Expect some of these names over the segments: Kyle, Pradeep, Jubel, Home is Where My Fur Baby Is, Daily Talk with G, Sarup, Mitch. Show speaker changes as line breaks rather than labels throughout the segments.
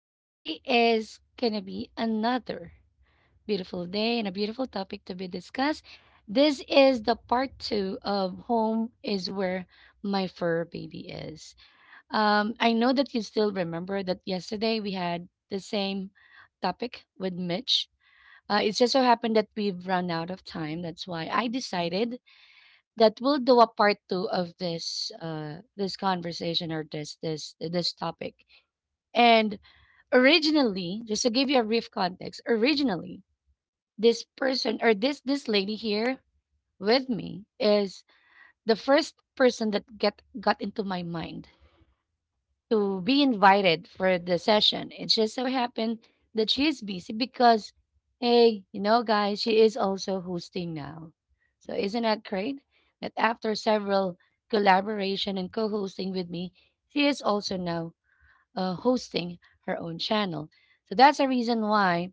Today is going to be another beautiful day and a beautiful topic to be discussed. This is the part two of Home is Where My Fur Baby Is. I know that you still remember that yesterday we had the same topic with Mitch. It just so happened that we've run out of time. That's why I decided that we'll do a part two of this this conversation or this topic. And originally, just to give you a brief context, originally this person or this lady here with me is the first person that get got into my mind to be invited for the session. It just so happened that she is busy because, hey, guys, she is also hosting now. So isn't that great? That after several collaboration and co-hosting with me, she is also now hosting her own channel. So that's the reason why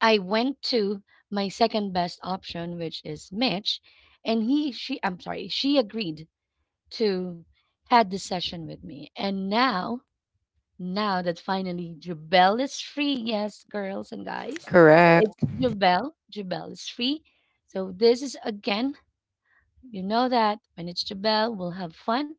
I went to my second best option, which is Mitch, and he, she, I'm sorry, she agreed to had the session with me, and now that finally Jubel is free. Yes, girls and guys, it's
Correct.
correct. Jubel. Jubel is free. So this is again, you know that when it's Jubel, we'll have fun.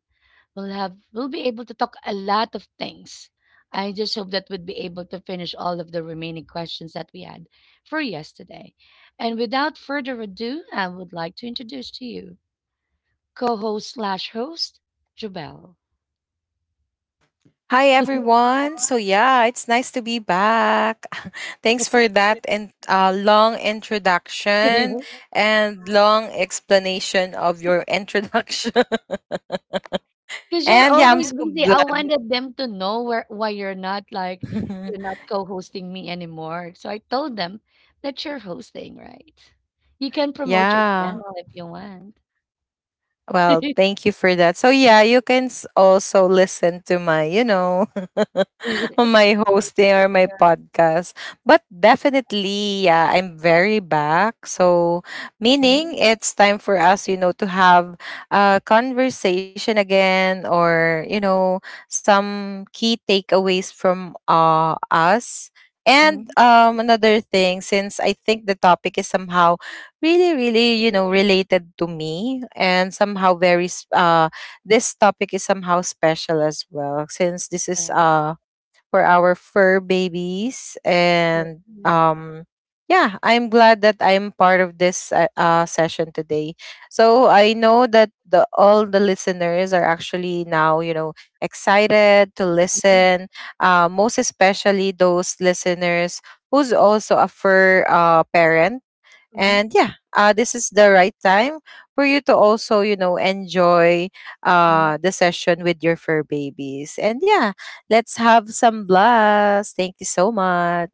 We'll be able to talk a lot of things. I just hope that we'd be able to finish all of the remaining questions that we had for yesterday. And without further ado, I would like to introduce to you co-host slash host Jubel.
Hi, everyone. So, yeah, it's nice to be back. Thanks for that and long introduction and long explanation of your introduction.
Because you're
And yeah, I'm
always
so
busy. I
glad.
wanted them to know where why you're not co-hosting me anymore. So I told them that you're hosting, right? You can promote your
Yeah.
channel if you want.
Well, thank you for that. So yeah, you can also listen to my my hosting or my podcast. But definitely, yeah, I'm very back. So meaning it's time for us to have a conversation again or some key takeaways from us. And another thing, since I think the topic is somehow really really related to me and somehow this topic is somehow special as well since this is for our fur babies and
Alright.
um yeah, I'm glad that I'm part of this session today. So I know that the all the listeners are actually now excited to listen, most especially those listeners who's also a fur parent. And yeah, this is the right time for you to also, enjoy the session with your fur babies. And yeah, let's have some blast. Thank you so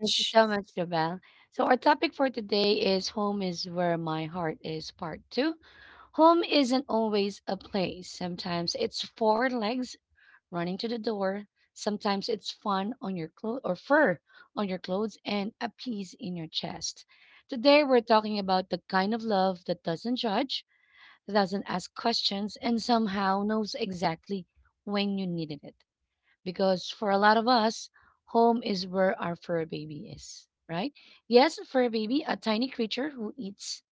Thank you so much, Jabal. So our topic for today is home is where my heart is, part two. Home isn't always a place. Sometimes it's four legs running to the door. Sometimes it's fun on your clothes or fur on your clothes and a piece in your chest. Today we're talking about the kind of love that doesn't judge, doesn't ask questions, and somehow knows exactly when you needed it. Because for a lot of us, home is where our fur baby is, right? Yes, fur baby, a tiny creature who eats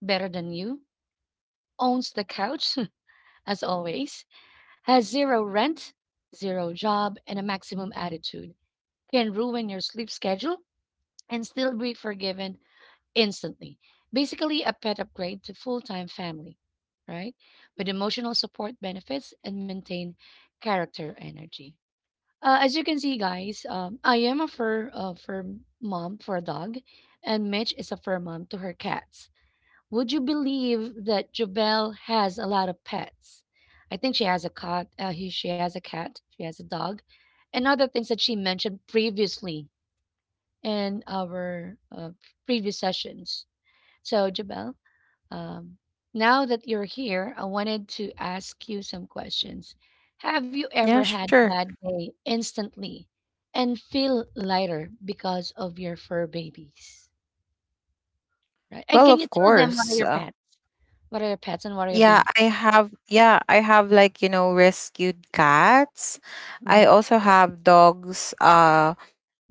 better than you, owns the couch as always, has zero rent, zero job, and a maximum attitude, can ruin your sleep schedule and still be forgiven instantly. Basically, a pet upgrade to full time family, right? With emotional support benefits and maintain character energy. As you can see, guys, I am a fur mom for a dog, and Mitch is a fur mom to her cats. Would you believe that Jobelle has a lot of pets? I think she has a cat. She has a cat. She has a dog, and other things that she mentioned previously in our previous sessions. So, Jobelle, um, now that you're here, I wanted to ask you some questions. Have you ever
Yeah,
had a
sure.
bad day instantly and feel lighter because of your fur babies? Right? And
Well,
can you
of
tell them what are
course.
your pets? What are your pets and what are your
Yeah,
babies?
I have like rescued cats. I also have dogs.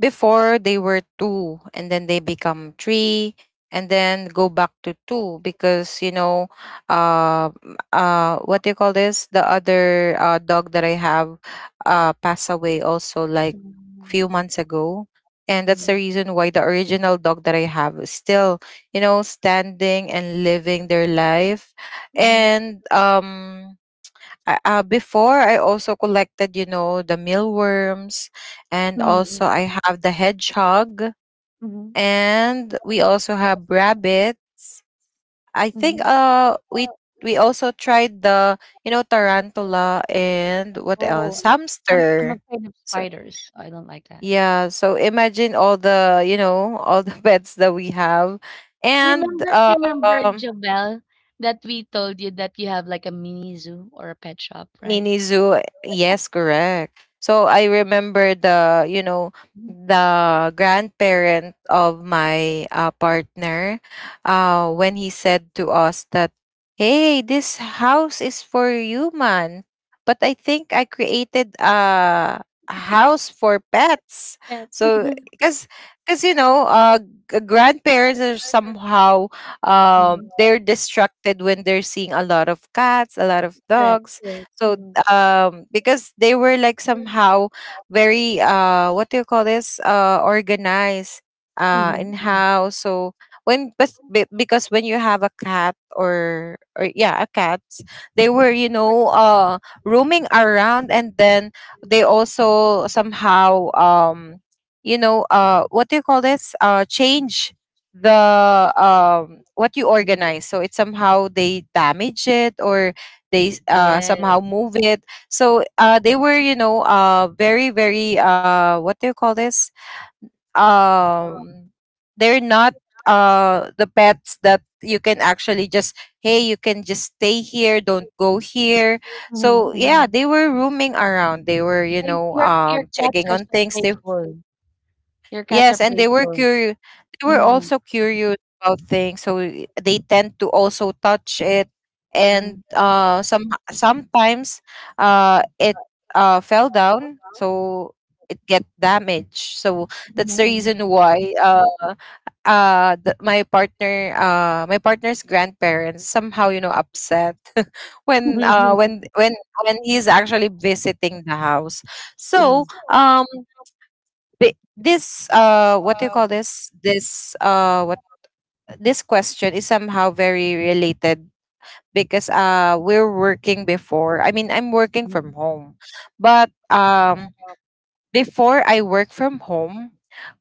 Before they were two and then they become three and then go back to two because what do you call this, the other dog that I have passed away also like few months ago, and that's the reason why the original dog that I have is still standing and living their life. and um Before I also collected, the mealworms, and also I have the hedgehog, and we also have rabbit. I think
Mhm.
we also tried the tarantula and what
Oh,
else,
I'm
hamster.
afraid of
So
spiders. I don't like that.
yeah, so imagine all the pets that we have, and
Remember,
um
remember, Jobel, that we told you that you have like a mini zoo or a pet shop,
mini
right?
zoo. Yes, correct. So I remember the, grandparent of my partner, when he said to us that, "Hey, this house is for you, man," but I think I created a house for pets.
Yes.
So because grandparents are somehow, they're distracted when they're seeing a lot of cats, a lot of
Correct,
dogs.
correct.
So because they were like somehow very, what do you call this, organized, in how. So when, because when you have a cat, or a cat, they were, roaming around, and then they also somehow, what do you call this, change the, what you
Mhm.
organize, so it's somehow they damage it, or they
Yes.
somehow move it. So they were, very very, what do you call this, um, they're not, the pets that you can actually just, "Hey, you can just stay here, don't go here."
Mhm,
So yeah,
mhm.
they were roaming around, they were,
Like your cats
checking
are
on
so
things, they...
playful. Your cats are
Yes, and they were
playful.
curious. They were also curious about things, so they tend to also touch it, and sometimes, it fell down, so it get damaged. So that's the reason why my partner's grandparents somehow upset when when he's actually visiting the house. So but this, what do you call this? This what this question is somehow very related because we're working before. I mean, I'm working from home. But before I work from home,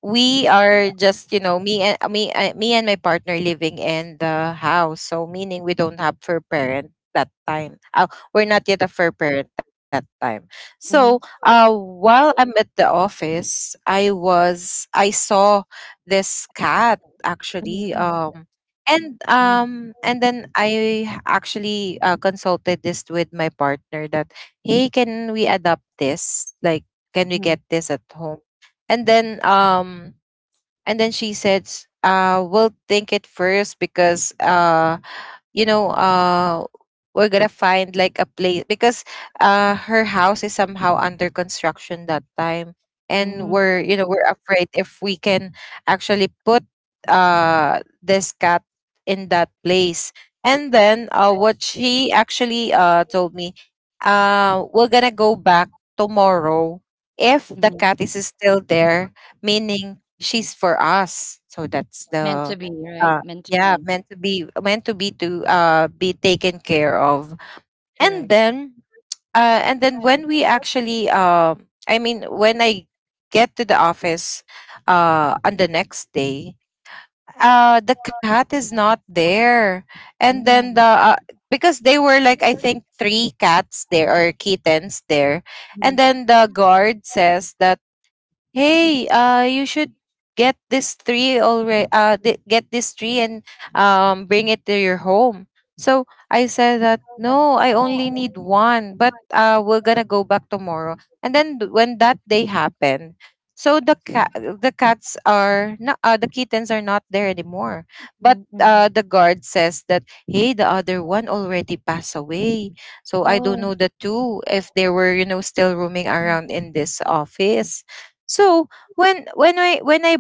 we are just, me and my partner living in the house. So meaning we don't have fur parent that time. We're not yet a fur parent that time. So, while I'm at the office, I saw this cat actually. And then I actually consulted this with my partner that, "Hey, can we adopt this, like, can we get this at home?" And then um and then she said, we'll think it first because you know, uh, we're gonna find like a place, because her house is somehow under construction that time, and we're you know we're afraid if we can actually put this cat in that place. And then what she actually told me, we're gonna go back tomorrow if the cat is still there, meaning she's for us. So that's
Meant to
the
be, right?
uh,
Meant to
yeah,
be.
meant to be, meant to be, to be taken care of. and
Correct.
then uh and then when we actually, I mean, when I get to the office on the next day, the cat is not there, and then
Mm.
the because they were like, I think three cats there, or kittens there, and then the guard says that, "Hey, you should get this tree already, get this tree and bring it to your home." So I said that, "No, I only need one," but we're gonna go back tomorrow. And then when that day happened, so the cats are not, the kittens are not there anymore. But the guard says that, "Hey, the other one already passed away." So I
Oh.
don't know the two, if they were, still roaming around in this office. So when when I when I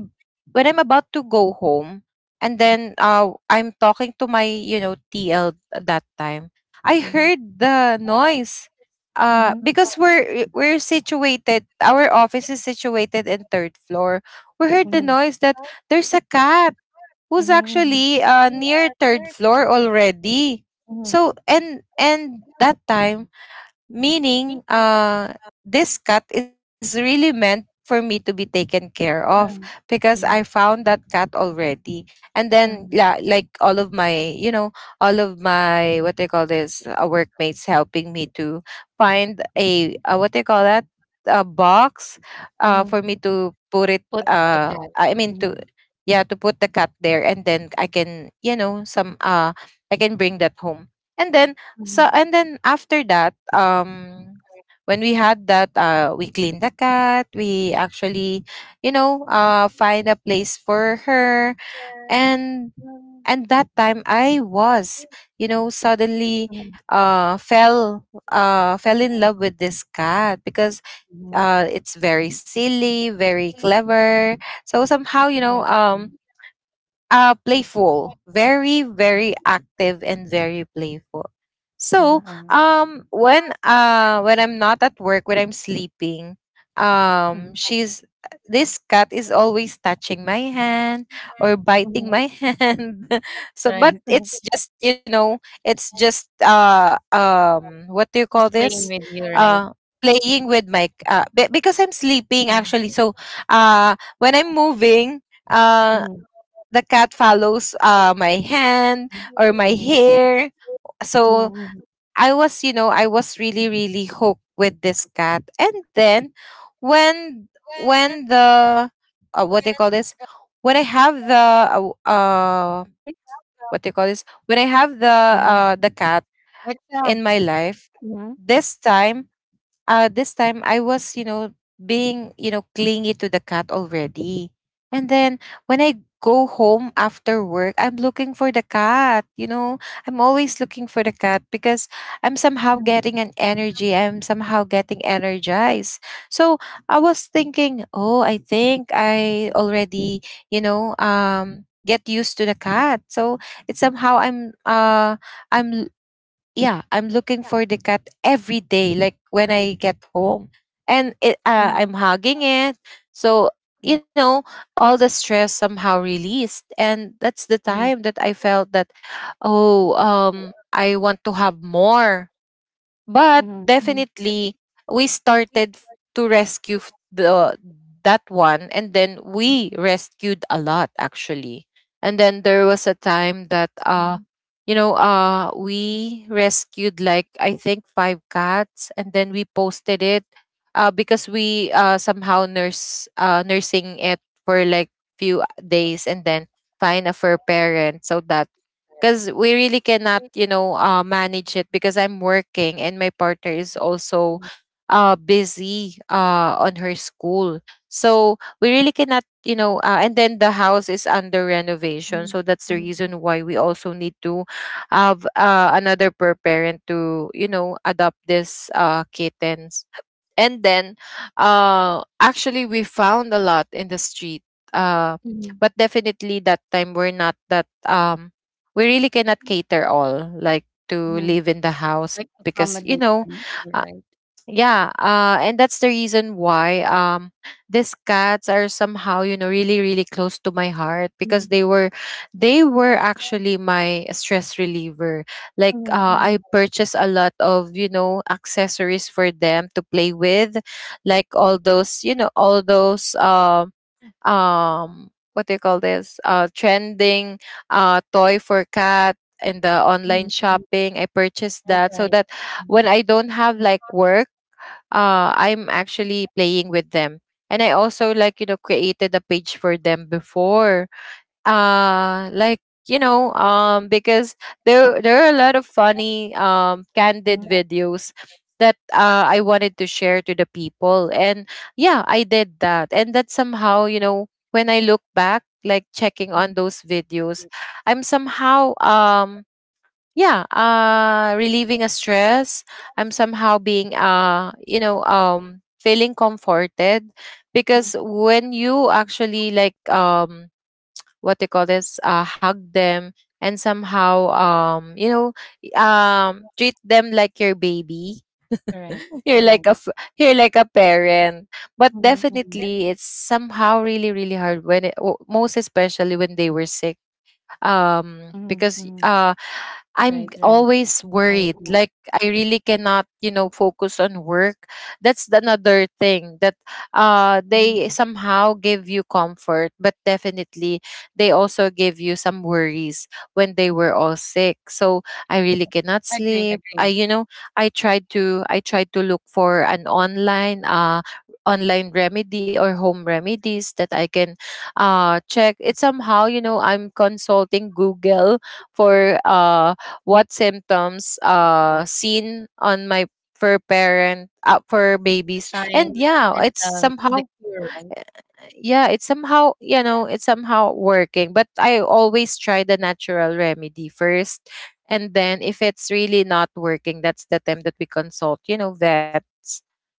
when I'm about to go home, and then I'm talking to my TL at that time, I
Mhm.
heard the noise. Uh
Mhm,
because we're situated our office is situated in third floor. We heard the
mhm,
noise that there's a cat who's
mhm,
actually near third floor already.
mhm,
So, and that time, meaning this cat is really meant for me to be taken care of, because I
mhm,
found that cat already. And then yeah, like all of my what they call this, workmates helping me to find a, what they call that, a box,
mhm.
for me to put it,
Put the cat.
I mean
Mhm,
to, yeah, to put the cat there, and then I can, you know some I can bring that home. And then, so
mhm,
and then after that, when we had that, we cleaned the cat. We actually, find a place for her. And and that time I was, suddenly
mhm,
uh fell fell in love with this cat, because
mhm.
it's very silly, very clever, so somehow,
Yep.
playful, very, very active and very playful.
Uh,
So,
uh,
when I'm not at work, when I'm sleeping,
mhm,
she's this cat is always touching my hand or biting
mhm.
my hand. So, but it's just, what do you call
Just playing
this?
with you, right?
Uh, playing with because I'm sleeping actually. So, when I'm moving, uh,
Mhm,
the cat follows, my hand or my
mhm,
hair. So
mhm,
I was really, really hooked with this cat. And then when when the, what they call this, when I have the uh, uh what they call this, when I have the
mhm, mhm,
uh the cat in my life,
mhm,
this time this time I was, being, clingy to the cat already. And then when I go home after work, I'm looking for the cat. I'm always looking for the cat because I'm somehow getting an energy. I'm somehow getting energized. So I was thinking, oh, I think I already, get used to the cat. So it's somehow I'm yeah, I'm looking for the cat every day, like when I get home. And I'm
mhm,
hugging it. So, you know, all the stress somehow released. And that's the
mhm,
time
mhm,
that I felt that, oh, I want to have more. But
mhm, mhm,
definitely, we to rescue f- the that one, and then we rescued a lot actually. And then there was a time that, we rescued, like, I think, five cats, and then we posted it. Because we, somehow nurse nursing it for like few days, and then find a fur parent so that — because we really cannot, you know, manage it, because I'm working and my partner is also, busy, on her school. So we really cannot, you know, and then the house is under renovation, so that's the reason why we also need to have, another per parent to, you know, adopt this kittens. And then, actually, we found a lot in the street. uh but
mhm,
definitely, that time, we're not that we really cannot cater all, like, to live
mhm,
in the house, because, you know, uh, yeah. And that's the reason why these cats are somehow, you know, really, really close to my heart, because they were actually my stress reliever. Like, I
mhm,
purchased a lot of, you know, accessories for them to play with. Like all those, you know, all those, what do you call this, trending toy for cat. In the online
mhm, mhm.
shopping, I purchased that,
Right,
so that
right.
when I
Mhm,
don't have like work, I'm actually playing with them. And I also, like, you know, created a page for them before. Like, you know, because there are a lot of funny candid
mhm,
videos that, I wanted to share to the people. And yeah, I did that, and that somehow, you know, when I look back, like, checking on those videos, I'm somehow yeah, relieving a stress. I'm somehow being, you know, feeling comforted, because
mhm.
when you actually, like, what they call this, hug them, and somehow, you know, treat them like your baby.
Correct,
you're like a
correct.
f- you're like a parent. But
Mhm,
definitely, it's somehow really, really hard when most especially when they were sick,
mhm,
because
mhm. Right, right.
I'm
I
always
agree.
worried. Like, I really cannot, you know, focus on work. That's the another thing that
Mhm.
they somehow give you comfort, but definitely, they also give you some worries when they were all sick. So I really cannot sleep. I tried to look for an online, online remedy or home remedies that I can, check it. Somehow, you know, I'm consulting Google for, what symptoms,
Like
seen on my for parent, for
the
babies.
signs,
And yeah, it's
symptoms, the
somehow —
cure, right?
you know, it's somehow working. But I always try the natural remedy first, and then if it's really not working, that's the time that we consult, you know, vets.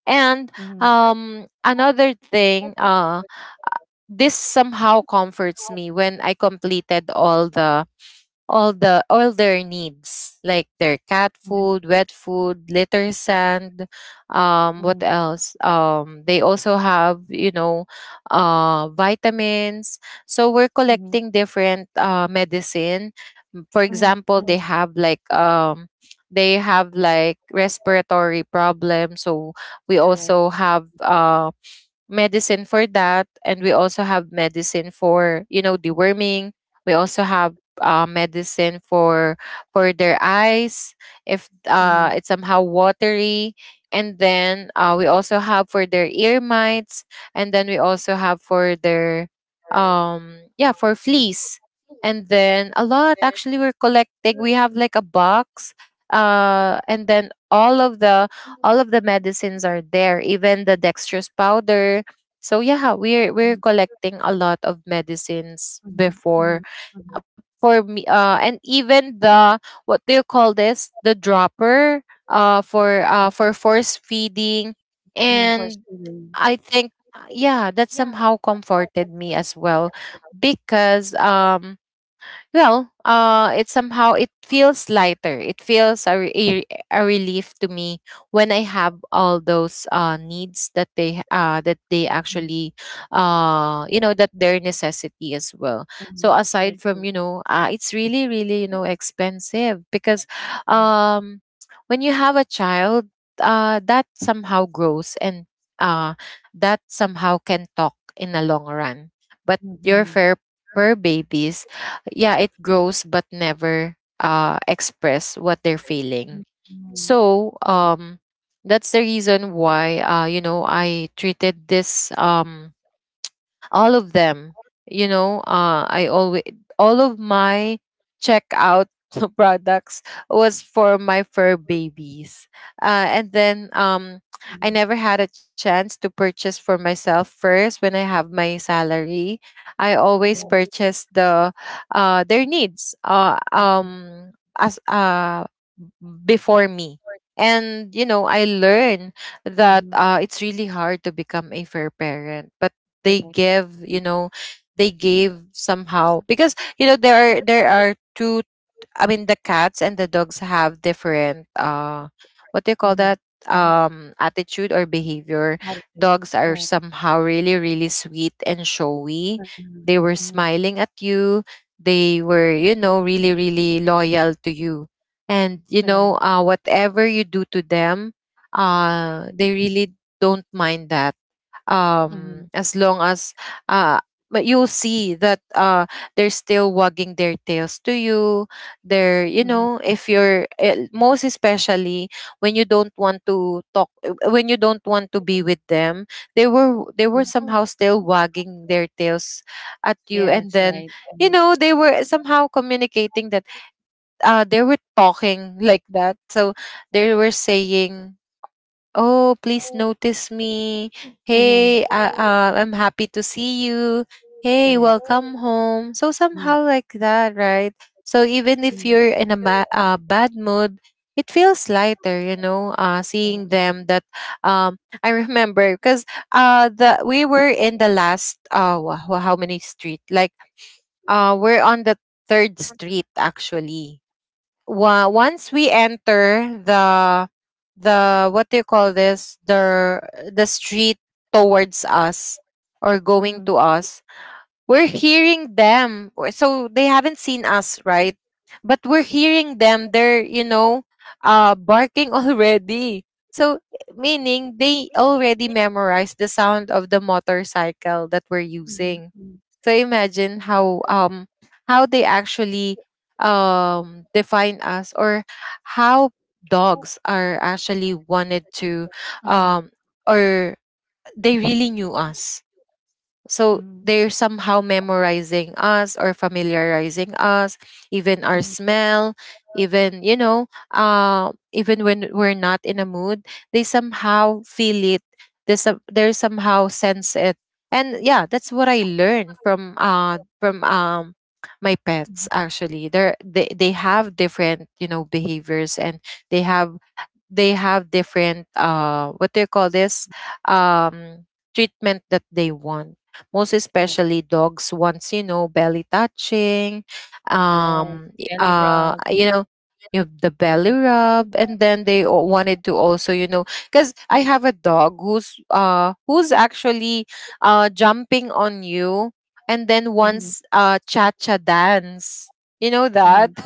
And
Mhm,
another thing, this somehow comforts me when I completed all the, all their needs, like their cat
mhm,
food, wet food, litter sand, what
mhm,
else? They also have, you know, vitamins. So we're
mhm,
collecting different medicine. For
mhm, mhm.
example, they
Correct,
have like, they have like respiratory problems, so we
correct.
also have, medicine for that. And we also have medicine for, you know, deworming. We also have, medicine for their eyes, if,
Mhm,
it's somehow watery. And then, we also have for their ear mites. And then we also have for their, yeah, for fleas. And then a lot actually, we're collecting. We have like a box, and then all of the, all of the medicines are there, even the dextrose powder. So yeah, we're collecting a lot of medicines
mhm,
before,
mhm, mhm,
for me, and even the — what do you call this? The dropper, for, for force feeding.
mhm. For
And
students.
I think, yeah, that somehow comforted me as well, because well, it somehow — it feels lighter. It feels a relief to me when I have all those, needs that they, that they actually, you know, that their necessity as well. So
Mhm.
aside
I
from, you
agree.
know, it's really, really, you know, expensive, because
Mhm.
um, when you have a child, that somehow grows and, uh, that somehow can talk in the long run. But your
Mhm.
fair per babies, yeah, it grows but never, express what they're feeling.
Mhm.
So
Correct.
that's the reason why, you know, I treated this, all of them, you know, I always — all of my checkout products was for my fur babies. And then, I never had a chance to purchase for myself first. When I have my salary, I always
Yeah.
purchase the, their needs, as, before me. And you know, I learned that,
Mhm.
it's really hard to become a fair parent, but they
Correct.
give, you know, they gave somehow, because you know, there are two — I mean, the cats and the dogs have different, what do you
Mhm.
call that,
Mhm.
attitude or behavior.
Attitude.
Dogs are
Correct.
somehow really, really sweet and showy.
Mhm.
They were
Mhm.
smiling at you. They were, you know, really, really loyal to you. And you
Correct.
know, whatever you do to them, they really don't mind that,
Mhm.
as long as — uh but you see that, they're still wagging their tails to you. They're, you
Mhm.
know, if you're, most especially when you don't want to talk, when you don't want to be with them, they were somehow still wagging their tails at you. And
Yes,
then,
right.
you know, they were somehow communicating that, they were talking like that, so they were saying, "Oh, please notice me. Hey,
Mhm.
I'm happy to see you. Hey,
Correct.
welcome home." So somehow
Mhm.
like that, right? So even if you're in a bad mood, it feels lighter, you know, seeing them that um I remember, because, the we were in the last, how many street? Like, we're on the third street, actually. Once we enter the, what do you call this, the, street towards us, or going
Mhm.
to us, we're hearing them. So they haven't seen us, right? But we're hearing them. They're, you know, barking already. So meaning, they already memorized the sound of the motorcycle that we're using.
Mhm.
So imagine how, how they actually, define us, or how dogs are actually wanted to,
Mhm.
um or — they really knew us. So
Mhm.
they're
Mhm.
somehow memorizing us or familiarizing us, even our
Mhm.
smell, even, you know, even when we're not in a mood, they somehow feel it. They somehow sense it. And yeah, that's what I learned from, my pets,
Mhm.
actually. They have different, you know, behaviors. And they have, they have different, what do you call this, um treatment that they want. Most
Correct.
especially, dogs wants, you know, belly touching,
Yes. Belly rub,
you know, the belly
right?
rub. And then they, wanted to also, you know — because I have a dog who's actually, jumping on you, and then
Mm-hmm.
wants, cha cha dance, you know that.
Mm-hmm.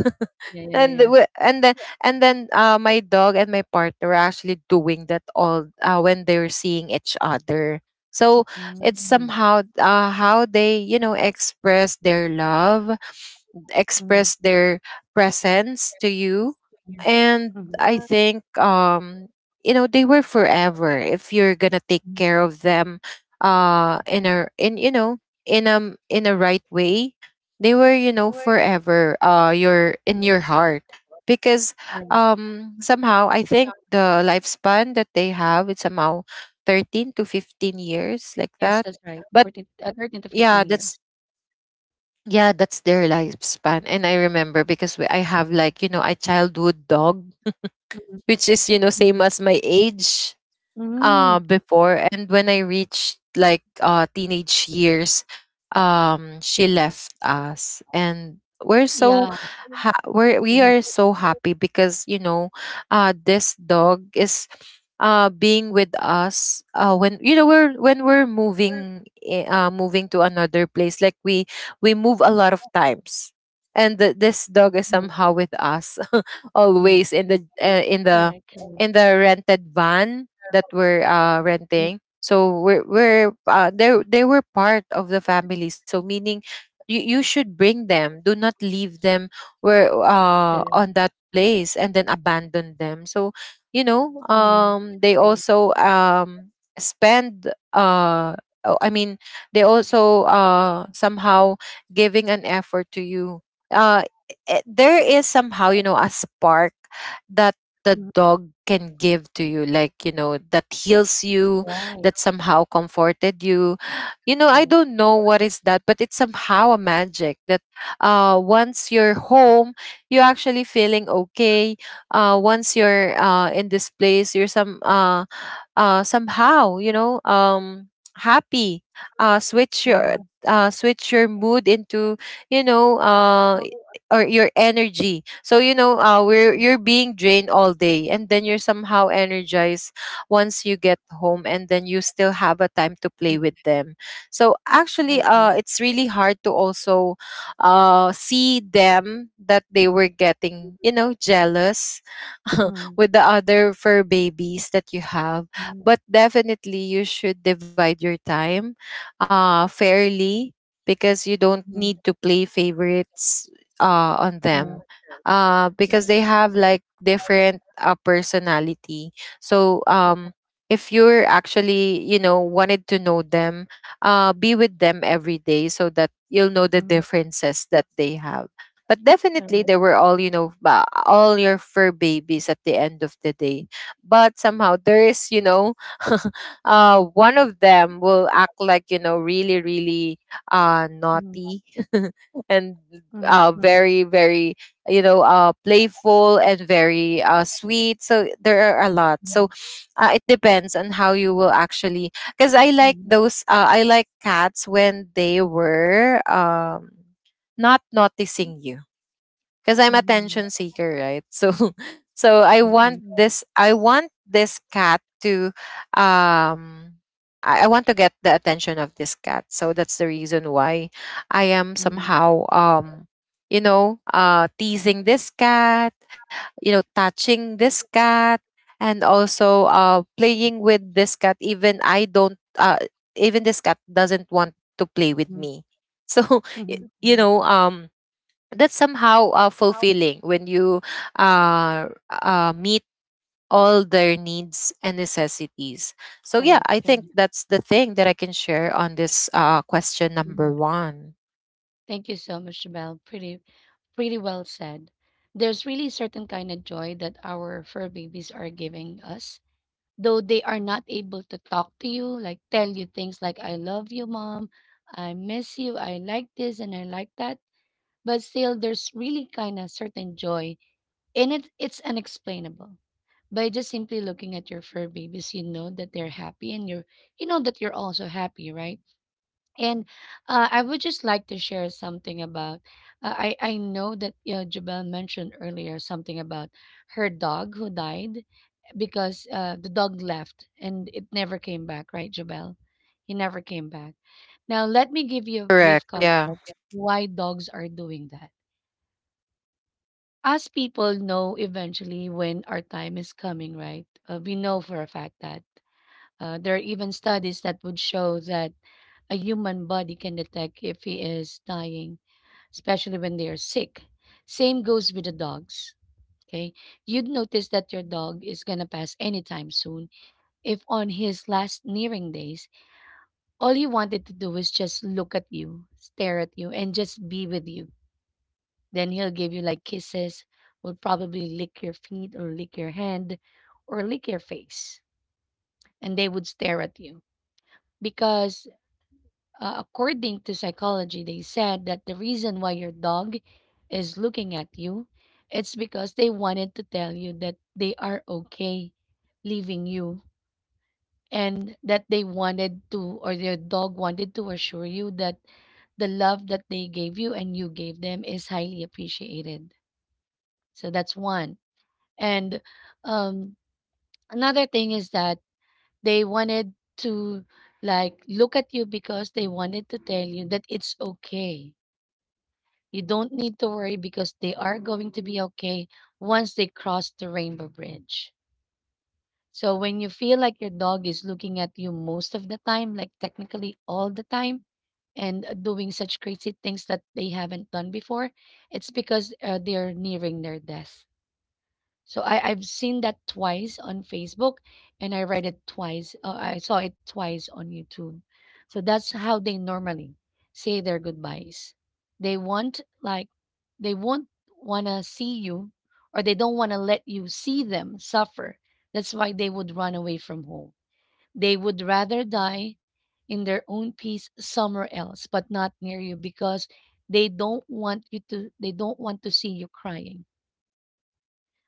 Yeah, yeah, yeah,
and the-
yeah.
wi- and then and then my dog and my partner are actually doing that all, when they're seeing each other. So
Mm-hmm.
it's
Mm-hmm.
somehow, how they, you know, express their love, express their presence to you. And I
Mm-hmm.
think, you know, they were forever if you're gonna take care of them, in a, in you know, in a right way, they were, you know, forever, your in your
Mm-hmm.
heart, because somehow I think the lifespan that they have, it's somehow 13 to 15 years, like
Yes,
that.
that's right.
But
14, 13 to
yeah,
15 years.
that's their lifespan. And I remember because, I have, like, you know, a childhood dog
Mm-hmm.
which is, you know, same as my age,
Mm-hmm.
before. And when I reached like, teenage years, she left us. And we're so
Yeah.
we are
Mhm,
so happy, because you know, this dog is, being with us, when, you know, we're when we're moving, moving to another place. Like, we move a lot of times, and this dog is
mhm,
somehow with us
mhm.
always in the,
Correct, correct.
in the rented van that were,
Mhm,
renting. So we're they were part of the family. So meaning, you should bring them. Do not leave them where,
correct.
on that place, and then abandon them. So you know,
Mhm.
they
Agree.
also, spend uh oh, I mean, they also, somehow giving an effort to you. Uh there is somehow, you know, a spark that the
Mhm.
dog can give to you, like, you know, that heals you,
Right.
that somehow comforted you. You know, I don't know what is that, but it's somehow a magic that, once you're home, you're actually feeling okay. Once you're, in this place, you're, somehow, you know, happy. uh switch
Mhm,
your switch your mood into, you know, or your energy. So you know, we're
mhm.
you're being drained all day, and then you're somehow energized once you get home, and then you still have a time to play with them. So actually,
Correct.
it's really hard to also, see them that they were getting, you know, jealous
Mhm,
with the other fur babies that you have.
mhm,
But definitely, you should divide your time, fairly, because you don't need
mhm.
to play favorites, on
Uh,
them, because
right.
they have like different, personality. So um, if you're wanted to know them, be with them every day so that you'll know the
Mhm.
differences that they have. But definitely,
Correct.
they were all your fur babies at the end of the day. But somehow there is, one of them will act like, really, really
Mhm,
naughty and
mhm, mhm,
very, very playful and very sweet, so there are a lot.
mhm,
So it depends on how you will actually, because I like
mhm,
those I like cats when they were not noticing you, because I'm
mhm,
attention seeker, right? So So I want
mhm,
this, I want this cat to um I want to get the attention of this cat. So that's the reason why I am
mhm.
somehow, you know, teasing this cat, you know, touching this cat, and also playing with this cat even I don't even this cat
Correct.
doesn't want to play
Mhm,
with me. So y-
mhm.
you know um that's somehow fulfilling when you meet all their needs and necessities. So, yeah,
Correct,
I
correct.
think that's the thing that I can share on this question number one.
Thank you so much, Belle. Pretty, pretty well said. There's really a certain kind of joy that our fur babies are giving us, though they are not able to talk to you, like tell you things like, I love you, mom, I miss you, I like this and I like that, but still there's really kind of certain joy in it. It's unexplainable. By just simply looking at your fur babies, you know that they're happy and you're, you know that you're also happy, right? And I would just like to share something about. I know that Jabel mentioned earlier something about her dog who died because the dog left and it never came back. Right, Jabel? He never came back. Now, let me give you a
Correct.
brief
Yeah,
context why dogs are doing that. Us people know eventually when our time is coming, right? We know for a fact that there are even studies that would show that a human body can detect if he is dying, especially when they are sick. Same goes with the dogs. Okay. You'd notice that your dog is going to pass anytime soon. If on his last nearing days, all he wanted to do was just look at you, stare at you, and just be with you, then he'll give you like kisses, will probably lick your feet or lick your hand or lick your face. And they would stare at you because, according to psychology, they said that the reason why your dog is looking at you, it's because they wanted to tell you that they are okay leaving you and that they wanted to or their dog wanted to assure you that the love that they gave you and you gave them is highly appreciated. So that's one. And um, another thing is that they wanted to like look at you because they wanted to tell you that it's okay. You don't need to worry because they are going to be okay once they cross the rainbow bridge. So when you feel like your dog is looking at you most of the time, like technically all the time, and doing such crazy things that they haven't done before, it's because they're nearing their death. So I've seen that twice on Facebook, and I read it twice. I saw it twice on YouTube. So that's how they normally say their goodbyes. They want like they won't wanna see you, or they don't wanna let you see them suffer. That's why they would run away from home. They would rather die in their own peace somewhere else, but not near you because they don't want you to. They don't want to see you crying.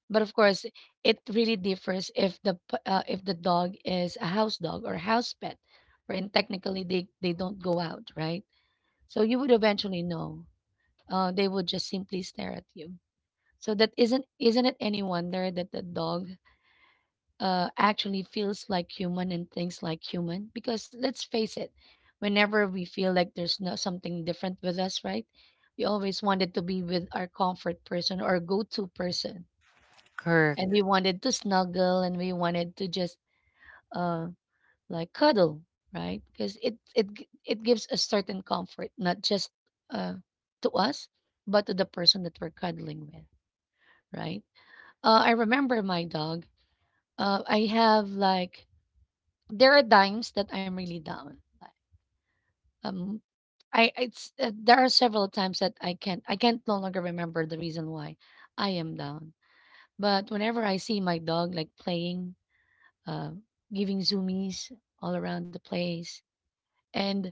But of course, it really differs if the dog is a house dog or house pet, wherein technically they don't go out, right? So you would eventually know. They would just simply stare at you. So that isn't it any wonder that the dog actually feels like human and thinks like human? Because let's face it, whenever we feel like there's no something different with us, right? We always wanted to be with our comfort person or go-to person
correct.
and we wanted to snuggle and we wanted to just uh like cuddle, right? Because it gives a certain comfort, not just uh to us but to the person that we're cuddling with, right? I remember my dog. I have like There are times that I'm really down, like um I it's there are several times that I can't no longer remember the reason why I am down. But whenever I see my dog like playing, uh, giving zoomies all around the place. And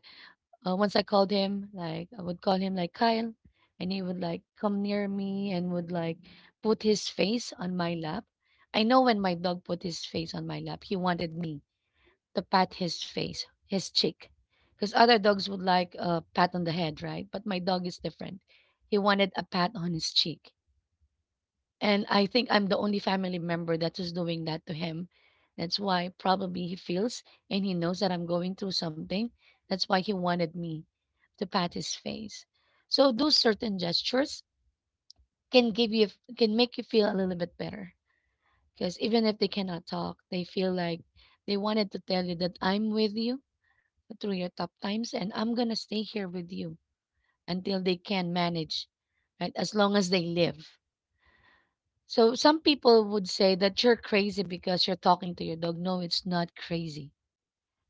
once I called him, like I would call him like Kyle, and he would like come near me and would like put his face on my lap. I know when my dog put his face on my lap, he wanted me to pat his face, his cheek, because other dogs would like a pat on the head, right? But my dog is different. He wanted a pat on his cheek, and I think I'm the only family member that is doing that to him. That's why probably he feels and he knows that I'm going through something. That's why he wanted me to pat his face. So those certain gestures can give you can make you feel a little bit better, because even if they cannot talk, they feel like they wanted to tell you that I'm with you through your tough times and I'm going to stay here with you until they can manage, right? As long as they live. So some people would say that you're crazy because you're talking to your dog. No, it's not crazy.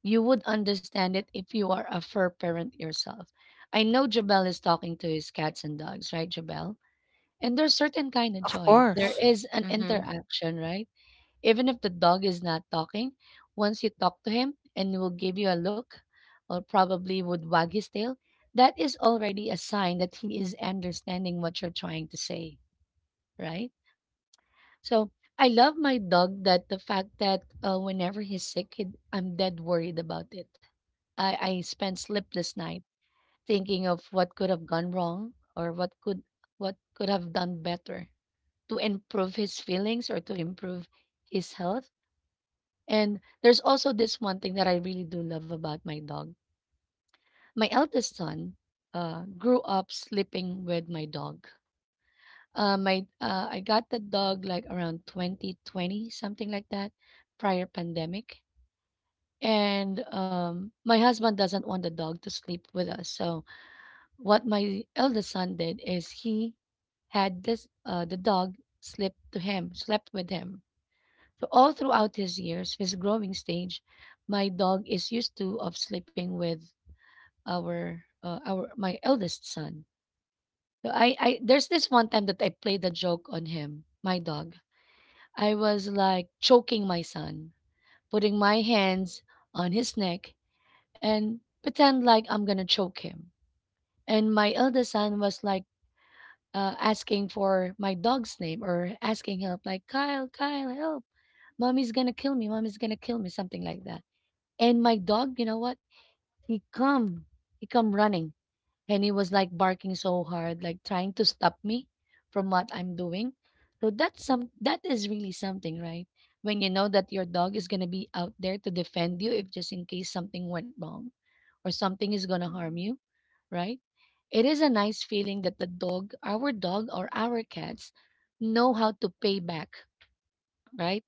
You would understand it if you are a fur parent yourself. I know Jabel is talking to his cats and dogs, right, Jabel? And there's certain kind of
Of
joy. There
course.
is an
Mm-hmm.
interaction, right? Even if the dog is not talking, once you talk to him and he will give you a look or probably would wag his tail, that is already a sign that he is understanding what you're trying to say, right? So I love my dog, that the fact that whenever he's sick, I'm dead worried about it. I spend sleepless night thinking of what could have gone wrong, or what could have done better to improve his feelings or to improve his health. And there's also this one thing that I really do love about my dog. My eldest son grew up sleeping with my dog. My I got the dog like around 2020, something like that, prior pandemic. And my husband doesn't want the dog to sleep with us. So what my eldest son did is he had this the dog sleep to him, slept with him. So all throughout his years, his growing stage, my dog is used to of sleeping with our my eldest son. So I there's this one time that I played a joke on him, my dog. I was like choking my son, putting my hands on his neck and pretend like I'm gonna choke him. And my eldest son was like asking for my dog's name, or asking help, like, "Kyle, Kyle, help! Mommy's gonna kill me. Mommy's gonna kill me," something like that. And my dog, you know what? He come, he come running, and he was like barking so hard, like trying to stop me from what I'm doing. So that is really something, right? When you know that your dog is going to be out there to defend you if just in case something went wrong or something is going to harm you, right? It is a nice feeling that the dog our dog or our cats know how to pay back, right?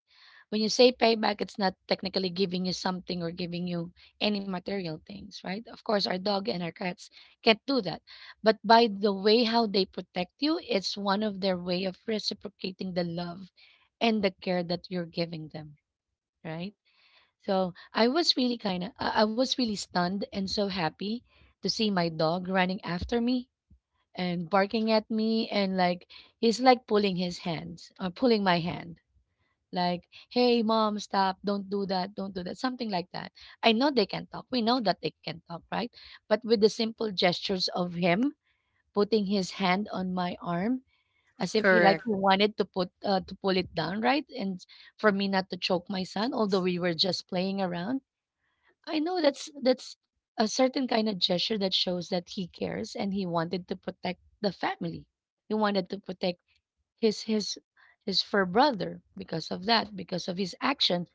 When you say payback, it's not technically giving you something or giving you any material things, right? Of course, our dog and our cats can't do that. But by the way how they protect you, it's one of their way of reciprocating the love and the care that you're giving them, right? So I was really kind of, I was really stunned and so happy to see my dog running after me and barking at me, and like he's like pulling his hands, or pulling my hand, like, "Hey, mom, stop. Don't do that. Don't do that." Something like that. I know they can talk. We know that they can talk, right? But with the simple gestures of him putting his hand on my arm, as if he like
Correct.
he wanted to put to pull it down, right? And for me not to choke my son, although we were just playing around. I know that's a certain kind of gesture that shows that he cares, and he wanted to protect the family. He wanted to protect his his his fur brother. Because of that, because of his action,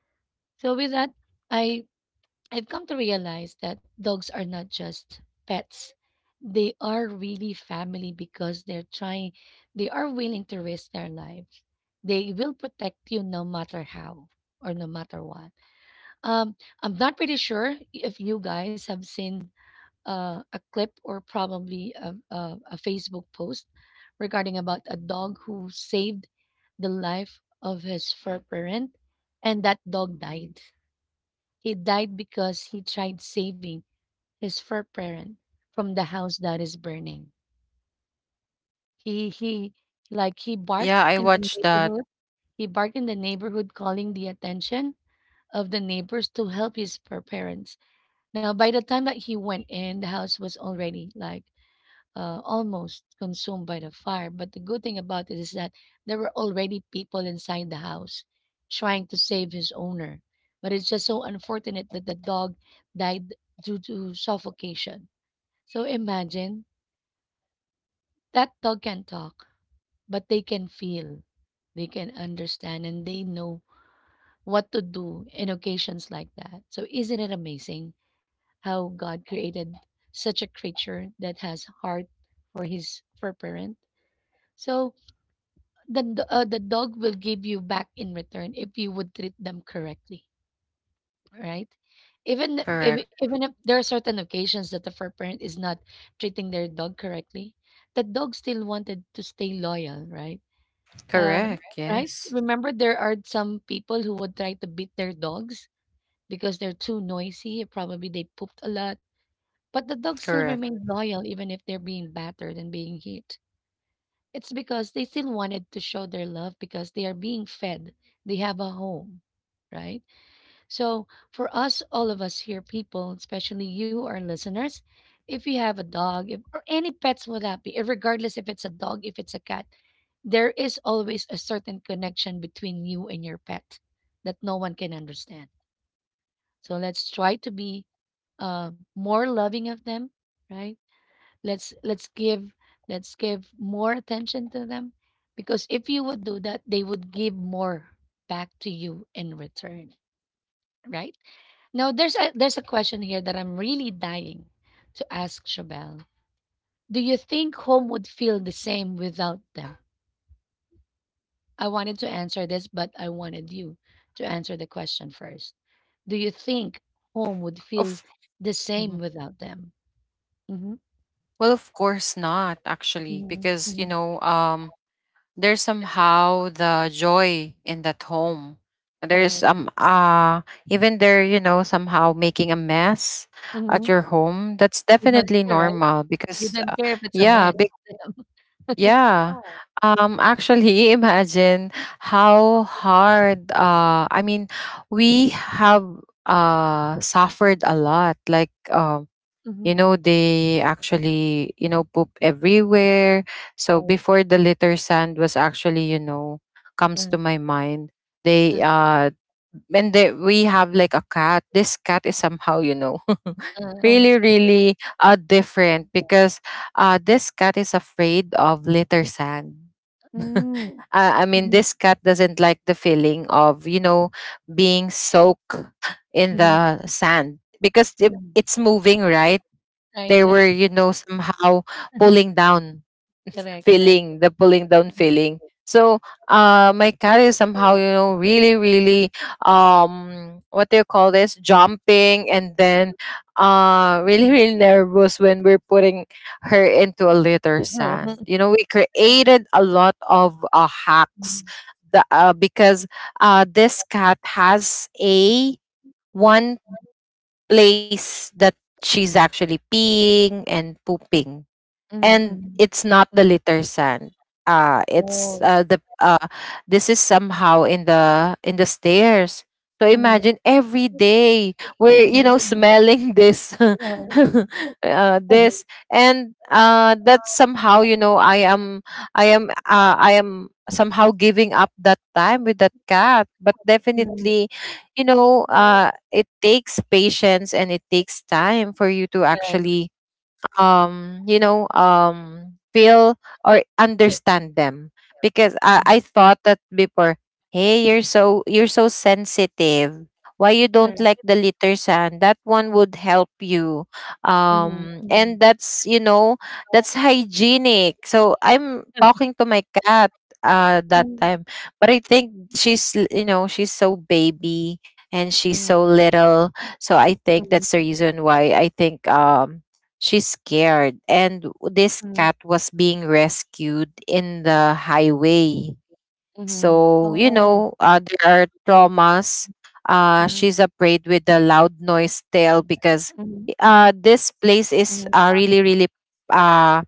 so with that, I I've come to realize that dogs are not just pets. They are really family because they are willing to risk their lives. They will protect you no matter how, or no matter what. Um I'm not pretty sure if you guys have seen a clip, or probably a Facebook post regarding about a dog who saved the life of his fur parent, and that dog died. He died because he tried saving his fur parent from the house that is burning. He like he
Yeah,
barked
I
in the
watched that.
neighborhood. He barked in the neighborhood, calling the attention of the neighbors to help his fur parents. Now by the time that he went in, the house was already like almost consumed by the fire. But the good thing about it is that there were already people inside the house trying to save his owner. But it's just so unfortunate that the dog died due to suffocation. So imagine that dog can talk, but they can feel, they can understand, and they know what to do in occasions like that. So isn't it amazing how God created such a creature that has heart for his for parent? So the dog will give you back in return if you would treat them correctly, right? Even th- if,
Correct.
even if there are certain occasions that the fur parent is not treating their dog correctly, the dog still wanted to stay loyal, right? Um,
Correct.
right?
Yes.
Remember, there are some people who would try to beat their dogs because they're too noisy. Probably they pooped a lot, but the dog still
Correct.
remained loyal even if they're being battered and being hit. It's because they still wanted to show their love because they are being fed. They have a home, right? So, for us, all of us here, people, especially you, our listeners, if you have a dog if, or any pets, would that be, eh, regardless if it's a dog, if it's a cat, there is always a certain connection between you and your pet that no one can understand. So, let's try to be more loving of them, right? Let's let's give let's give more attention to them, because if you would do that, they would give more back to you in return, right? Now there's a question here that I'm really dying to ask Shabelle. Do you think home would feel the same without them? I wanted to answer this, but I wanted you to answer the question first. Do you think home
Of.
would feel the
Mhm.
same without them? Mm-hmm.
Well, of course not, actually, because
Mm-hmm.
there's somehow the joy in that home. There's
Correct.
Even there, you know, somehow making a mess
Mm-hmm.
at your home. That's
You don't
definitely
hear, right?
normal
You
because
don't care if it's a mess.
yeah, big, yeah. Actually, imagine how hard, I mean, we have suffered a lot, like you
Mhm.
know, they actually, you know, poop everywhere. So before, the litter sand was actually, you know, comes
Uh,
to my mind.
uh,
They And they, we have like a cat. This cat is somehow, you know,
uh, uh.
really, really different, because this cat is afraid of litter sand. uh,
Mm.
I mean, this cat doesn't like the feeling of, you know, being soaked in
Mhm, mhm.
the sand because it, it's moving, right?
Right,
They
right.
were, you know, somehow pulling down
Correct, correct.
feeling, the pulling down feeling. So my cat is somehow, you know, really, really, what do you call this? Jumping, and then really, really nervous when we're putting her into a litter
Mhm,
sand. You know, we created a lot of hacks, because this cat has a one place that she's actually peeing and pooping,
mhm,
and
mhm.
it's not the litter sand. It's
Yes.
the This is somehow in the stairs. So
Mhm,
imagine every day we're, you
mhm.
know, smelling this,
Yeah.
this. And that's somehow, you know, I am somehow giving up that time with that cat. But definitely, you know, it takes patience and it takes time for you to
Correct.
actually, you know, feel or understand them. Because I,
Mhm.
I thought that before, hey, you're so, you're so sensitive, why you don't
Correct.
like the litter sand, that one would help you,
Mhm, mhm.
and that's, you know, that's hygienic. So I'm talking to my cat that time, but I think you know, she's so baby and
Mhm,
she's so little. So I think
mhm,
that's the reason why I think she's scared. And this
mhm,
cat was being rescued in the highway.
mhm, mhm.
So, you
Oh.
know, there are traumas.
Mhm,
She's afraid with the loud noise tail, because
mhm,
this place
mhm,
is really, really, uh,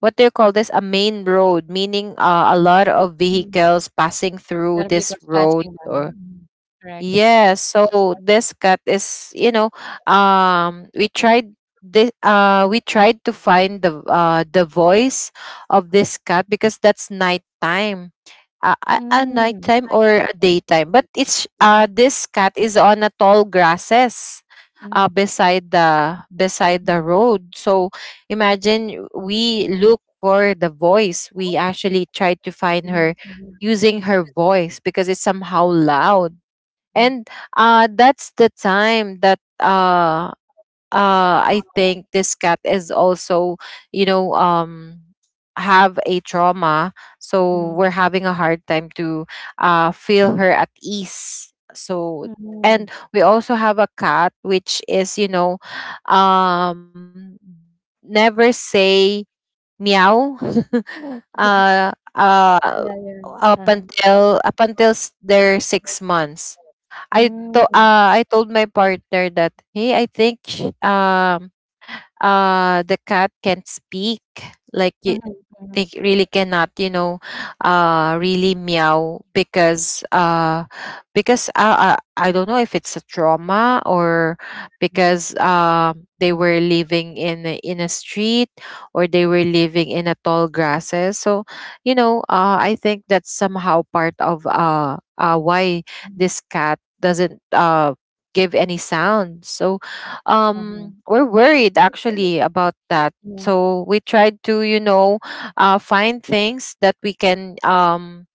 what do you call this? A main road, meaning a lot of
mhm.
vehicles passing
Not a
through
vehicles
this
passing
road,
by.
or
Mhm. Correct.
yes. So this cat is, you know, we tried we tried to find the the voice of this cat, because that's nighttime, a
Mm.
nighttime or a daytime. But it's, this cat is on a tall grasses,
Mhm,
beside the road. So imagine, we look for the voice. We actually tried to find her
mhm,
using her voice because it's somehow loud.
mhm,
And that's the time that I think this cat is also, you know, have a trauma. So
mhm,
we're having a hard time to feel her at ease. So,
mhm.
and we also have a cat which is, you know, um, never say meow. uh, uh,
Yeah, yeah.
Up
Uh-huh.
until their 6 months,
Mm.
I told my partner that, "Hey, I think the cat can't speak." Like,
Mhm,
it,
mhm,
they really cannot, you know, really meow, because I don't know if it's a trauma, or
mhm.
because, they were living in a, in a street, or they were living in a tall grasses. So, you know, I think that's somehow part of why this cat doesn't give any sound. So
Uh-huh.
we're worried actually about
Yeah.
that.
Yeah. Yeah.
So we tried to, you know, find things that we can,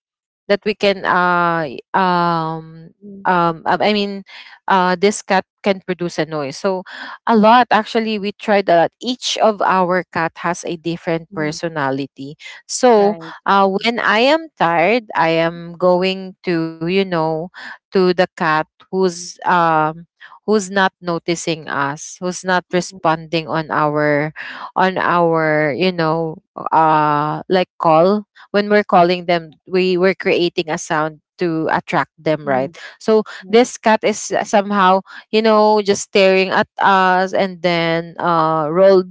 that we can y-
Mm,
I mean, this cat can produce a noise. So a lot, actually, we tried a lot. Each of our cat has a different
mhm.
personality. So
Right.
when I am tired, I am going to, you know, to the cat who's um who's not noticing us, who's not responding on our you know, like call. When we're calling them, we were creating a sound to attract them,
Mhm.
right? So
Right.
this cat is, somehow, you know, just staring at us, and then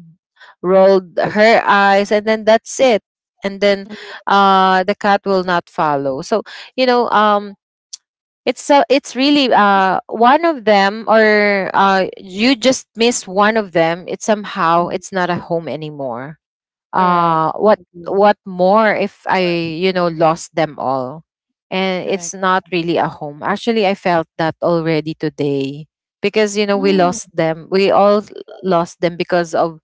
rolled her eyes, and then that's it. And then the cat will not follow. So, you know, it's really one of them, or you just miss one of them, it's somehow
Mhm.
it's not a home anymore.
Correct.
uh what
Agree.
what more if I, you know, lost them all? And
Correct.
it's not really a home, actually. I felt that already today, because, you know, we
Mm.
lost them, we all lost them, because of,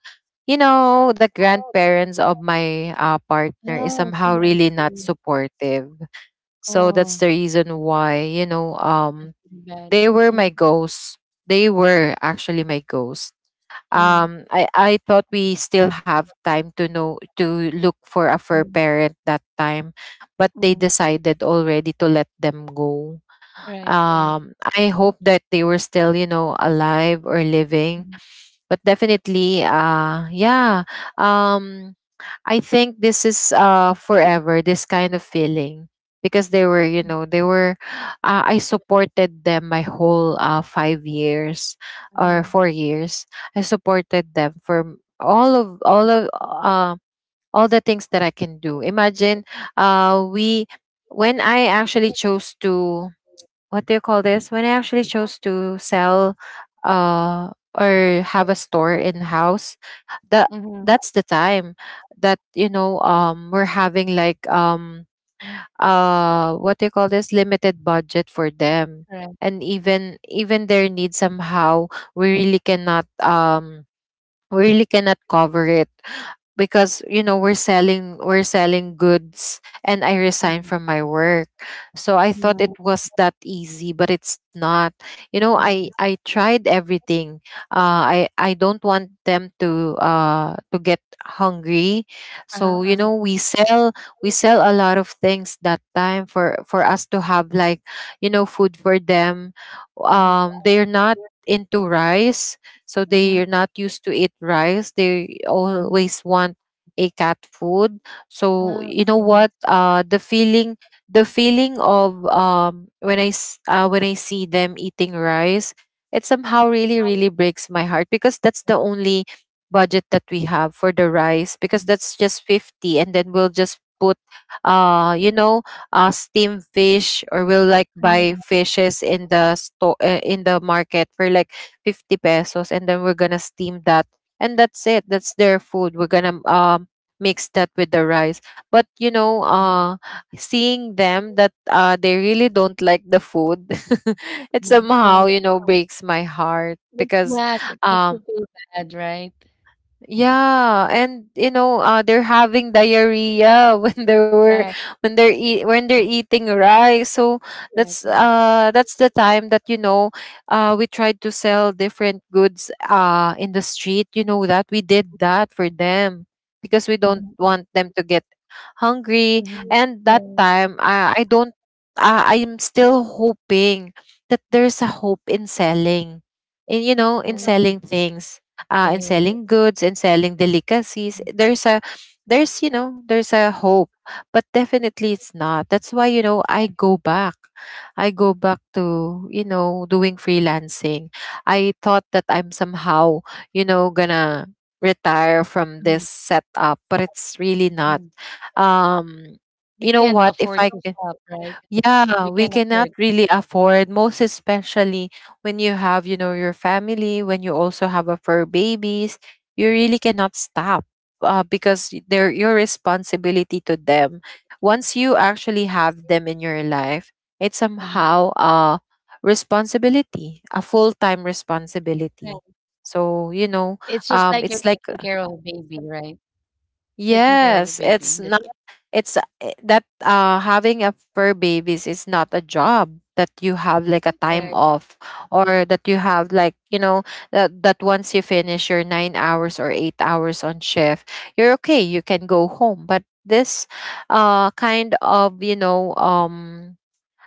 you know, the grandparents of my partner is
Oh, okay.
somehow
I
really not
see.
supportive. So that's
Oh,
the reason why, you know,
that's really bad.
they were
Mm,
my ghosts, they were actually my ghosts.
mhm,
I thought we still have time to know, to look for a fur
mhm,
parent that time, but they
mhm.
decided already to let them go.
Right. Right.
um I hope that they were still, you know, alive or living. But definitely, yeah. um I think this is forever, this kind of feeling. Because they were, you know, they were I supported them my whole 5 years or
Mhm,
4 years. I supported them for all of all the things that I can do. Imagine, we when I actually chose to, what do you call this, when I actually chose to sell or have a store in house, that
mhm.
that's the time that, you know, we're having like, what do you call this, limited budget for them.
Correct.
And even their needs, somehow we really cannot, we really cannot cover it, because, you know, we're selling, we're selling goods, and I resigned
Mhm,
from my work. So I thought it was that easy, but it's not. You know,
mhm.
I tried everything. I don't want them to get hungry. So, you
Uh-huh.
know, we sell a lot of things that time for us to have like, you know, food for them.
Mhm,
They're not into rice, so they
mhm,
are not used to eat rice, they
mhm.
always want a cat food. So
Ah,
you know
okay. I
what, the feeling, the feeling of, when I see them eating rice, it somehow really, really breaks my heart, because that's the only budget that we have for the rice, because
see.
that's just 50, and then we'll just put you know, steamed fish, or we'll like buy
Mhm,
fishes in the store in the market for like 50 pesos, and then we're gonna steam that, and that's it, that's their food. We're gonna, mix that with the rice. But, you know,
mhm.
seeing them that they really don't like the food, it somehow,
Right.
you know, breaks my heart,
Like,
because
yes, it makes you
um
feel bad, right?
yeah. And, you know, they're having diarrhea when they were,
Correct.
when they're eating rice. So
Correct. Correct.
that's the time that, you know, we tried to sell different goods in the street. You know that we did that for them, because we don't
Mhm,
want them to get hungry.
mhm.
And that
Yeah.
time, I don't, I'm still hoping that there's a hope in selling, in, you know, in
Yeah.
selling things,
Yeah.
in
Yeah.
selling goods, in selling delicacies. There's a, there's, you know, there's a hope, but definitely it's not. That's why, you know, I go back. I go back to, doing freelancing. I thought that I'm somehow, gonna retire from
Mhm,
this setup, but it's really not.
mhm.
um
We
you know
can't
what, if
afford
I
to
can.
stop, right? We
Yeah, we
can't afford
cannot
to
really
stop.
afford, most especially when you have, your family, when you also have a fur babies, you really cannot stop. Because they're your responsibility to them once you actually have them in your life. It's
Mhm.
somehow a responsibility, a full-time
Right.
responsibility. so you
It's
know
just like you're
um
taking
it's
care
like.
of a baby, right? Taking care of a
Yes,
baby. That's
it's not. It's I- that Having a fur babies is not a job that you have
it.
like a
Correct.
time off, or that you have like, that once you finish your 9 hours or 8 hours on shift, you're okay, you can go home. But this kind of,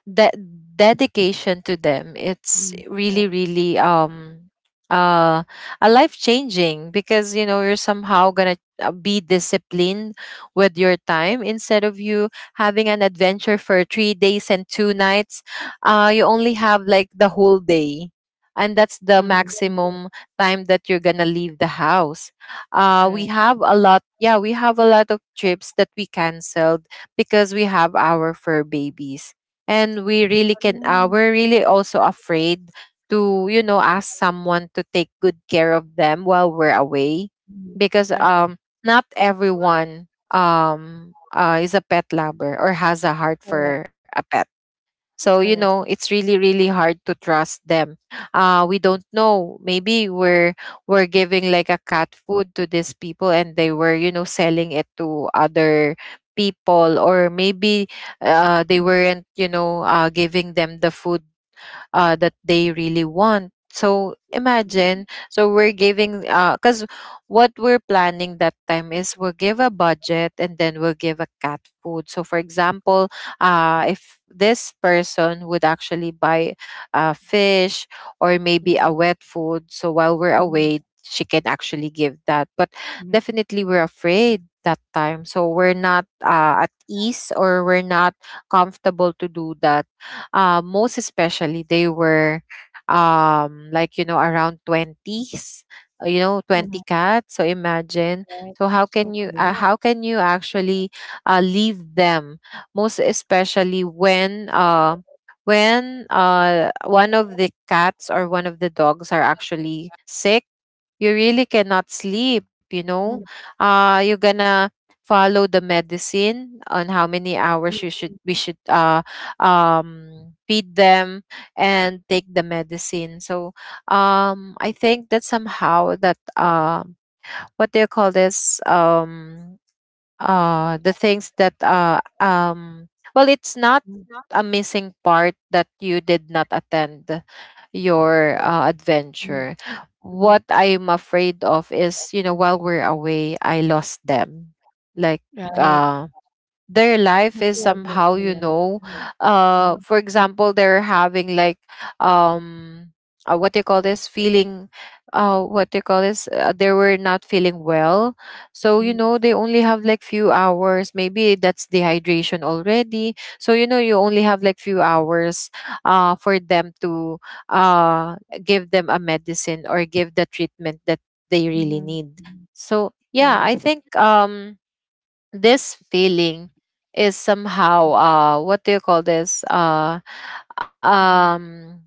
that dedication to them,
Mhm.
it's really really, uh a life changing, because, you're somehow gonna be disciplined with your time, instead of you having an adventure for 3 days and two nights. You only have like the whole day, and that's the
Mhm. Mhm.
maximum time that you're gonna leave the house. We
Correct.
have a lot Yeah, we have a lot of trips that we canceled because we have our fur babies, and
Mhm.
we're really also afraid to, ask someone to take good care of them while we're away,
Mhm.
because,
Correct.
not everyone, is a pet lover or has a heart
Correct.
for a pet. So,
Correct.
it's really, really hard to trust them. We don't know. Maybe we're giving like a cat food to these people, and they were, selling it to other people. Or maybe they weren't, giving them the food that they really want. So imagine, so we're giving, because what we're planning that time is, we'll give a budget and then we'll give a cat food. So for example, if this person would actually buy a fish, or maybe a
Mhm.
wet food, so while we're away,
Mhm.
she can actually give that. But
Mhm.
definitely we're afraid that time. So we're not, at ease, or we're not comfortable to do that, most especially they were, like, around 20s, 20
Mhm.
cats, so imagine.
Right.
So
So a lot.
how can you actually leave them, most especially when one of the cats or one of the dogs are actually sick? You really cannot sleep,
Mhm.
you're gonna follow the medicine on how many hours you should
Mhm.
we should feed them and take the medicine. So, I think that somehow that, what do you call this? The things that, well, it's not
Mhm.
a missing part that you did not attend your
Mhm.
adventure. What
Mhm.
I'm afraid of is, while we're away, I lost them. Like,
Right.
uh, their life
The
is
fear of
somehow,
losing them. Mhm. Mhm.
for example, they're having like, um what do you call this feeling? What do you call this? They were not feeling well, so,
Mhm.
they only have like few hours, maybe that's dehydration already. So, you only have like few hours for them to uh give them a medicine, or give the treatment that they really
Mhm.
need.
Mhm.
So yeah, I
Right.
think, this feeling is somehow, what do you call this?
Mhm.
Um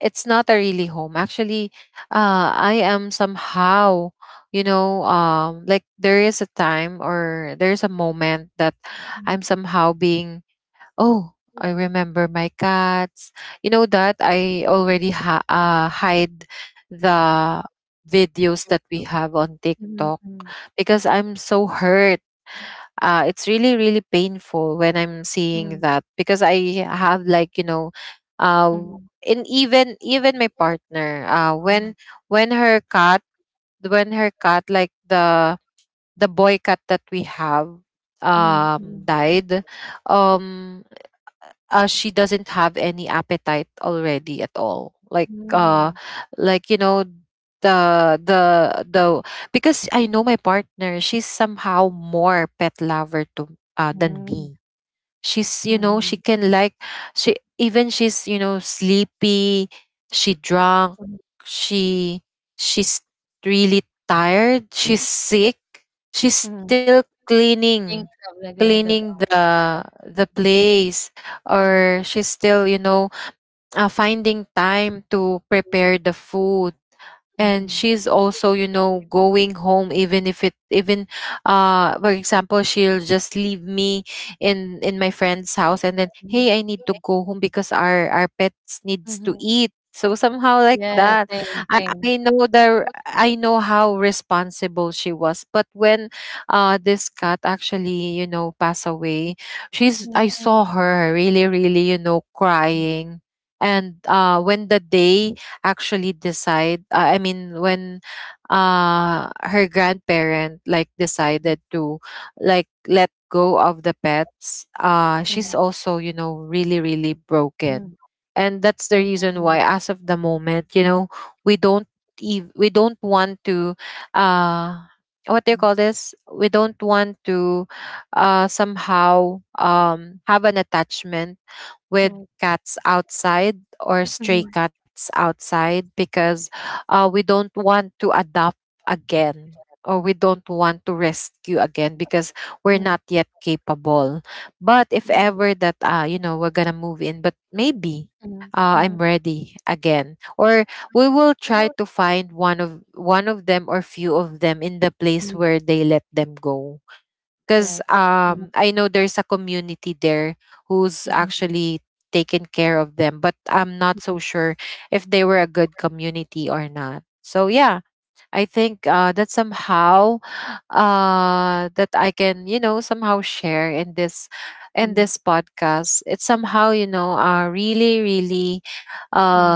it's not a really home actually. I am somehow, like, there is a time, or there's a moment that I'm
Mhm.
somehow being, oh, I remember my cats, that I already hide the videos that we have on TikTok,
Mhm. Mhm.
because I'm so hurt. It's really really painful when I'm seeing
Mhm.
that, because I have like, uh,
Mhm.
and even my partner, when
Mhm.
when her cat when her cat like the boy cat that we have,
Mhm.
died. um she doesn't have any appetite already at all.
Mm,
Like you know the the the Because I know my partner, she's somehow more pet lover to, than me.
mm,
She's, she
mhm,
can like, she even, she's, sleepy, she drunk,
mhm,
she she's really tired, she's sick, she's
mhm.
still cleaning,
Think of like the dog.
the place, or
Mhm,
she's still, finding time to prepare the food, and
mhm,
she's also, going home, even if it, even for example, she'll just leave me in my friend's house, and then, hey, I need to go home because our pets needs to
mhm.
eat, so somehow like that.
Yeah,
i
same,
i
same.
know the i know how responsible she was. But when this cat actually, passed away, she's I saw
Mm,
her really really,
mhm,
crying. And when the day actually decide I mean, when her grandparent like decided to like let go of the pets, she's
mhm,
also, really really broken.
mhm,
And that's the reason why,
mhm,
as of the moment, we don't, we don't want to, uh what do you call this, we don't want to, somehow, have an attachment with cats outside, or stray cats outside, because, we don't want to adopt again, or we don't want to rescue again, because we're not yet capable. But if ever that, we're gonna move in, but maybe, I'm
mhm.
ready again, or we will try to find one of them, or few of them in the place where they let them go. Because,
Correct. Mhm,
I know there's a community there who's
mhm,
actually taken care of them, but I'm not so
mhm,
sure if they were a good community or not. So yeah, I think that somehow, that I can, somehow share in
mhm, mhm, mhm. Correct.
this
Mhm, mhm, mhm,
podcast. It's somehow, really, really,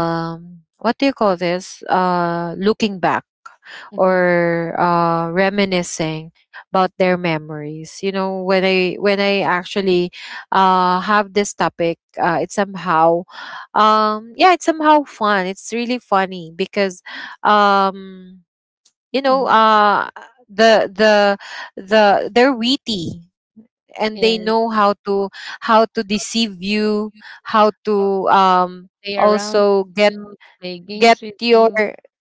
mhm,
what do you call this? Looking back,
mhm, mhm,
or, reminiscing about their memories. You know, when I actually, have this topic, it's somehow, yeah, it's somehow fun. It's really funny because. Um, you know
mhm.
uh the the the they're witty, and they know
Yes,
how to deceive you, how to,
play
also
around with you, play
get
games with
your,
you,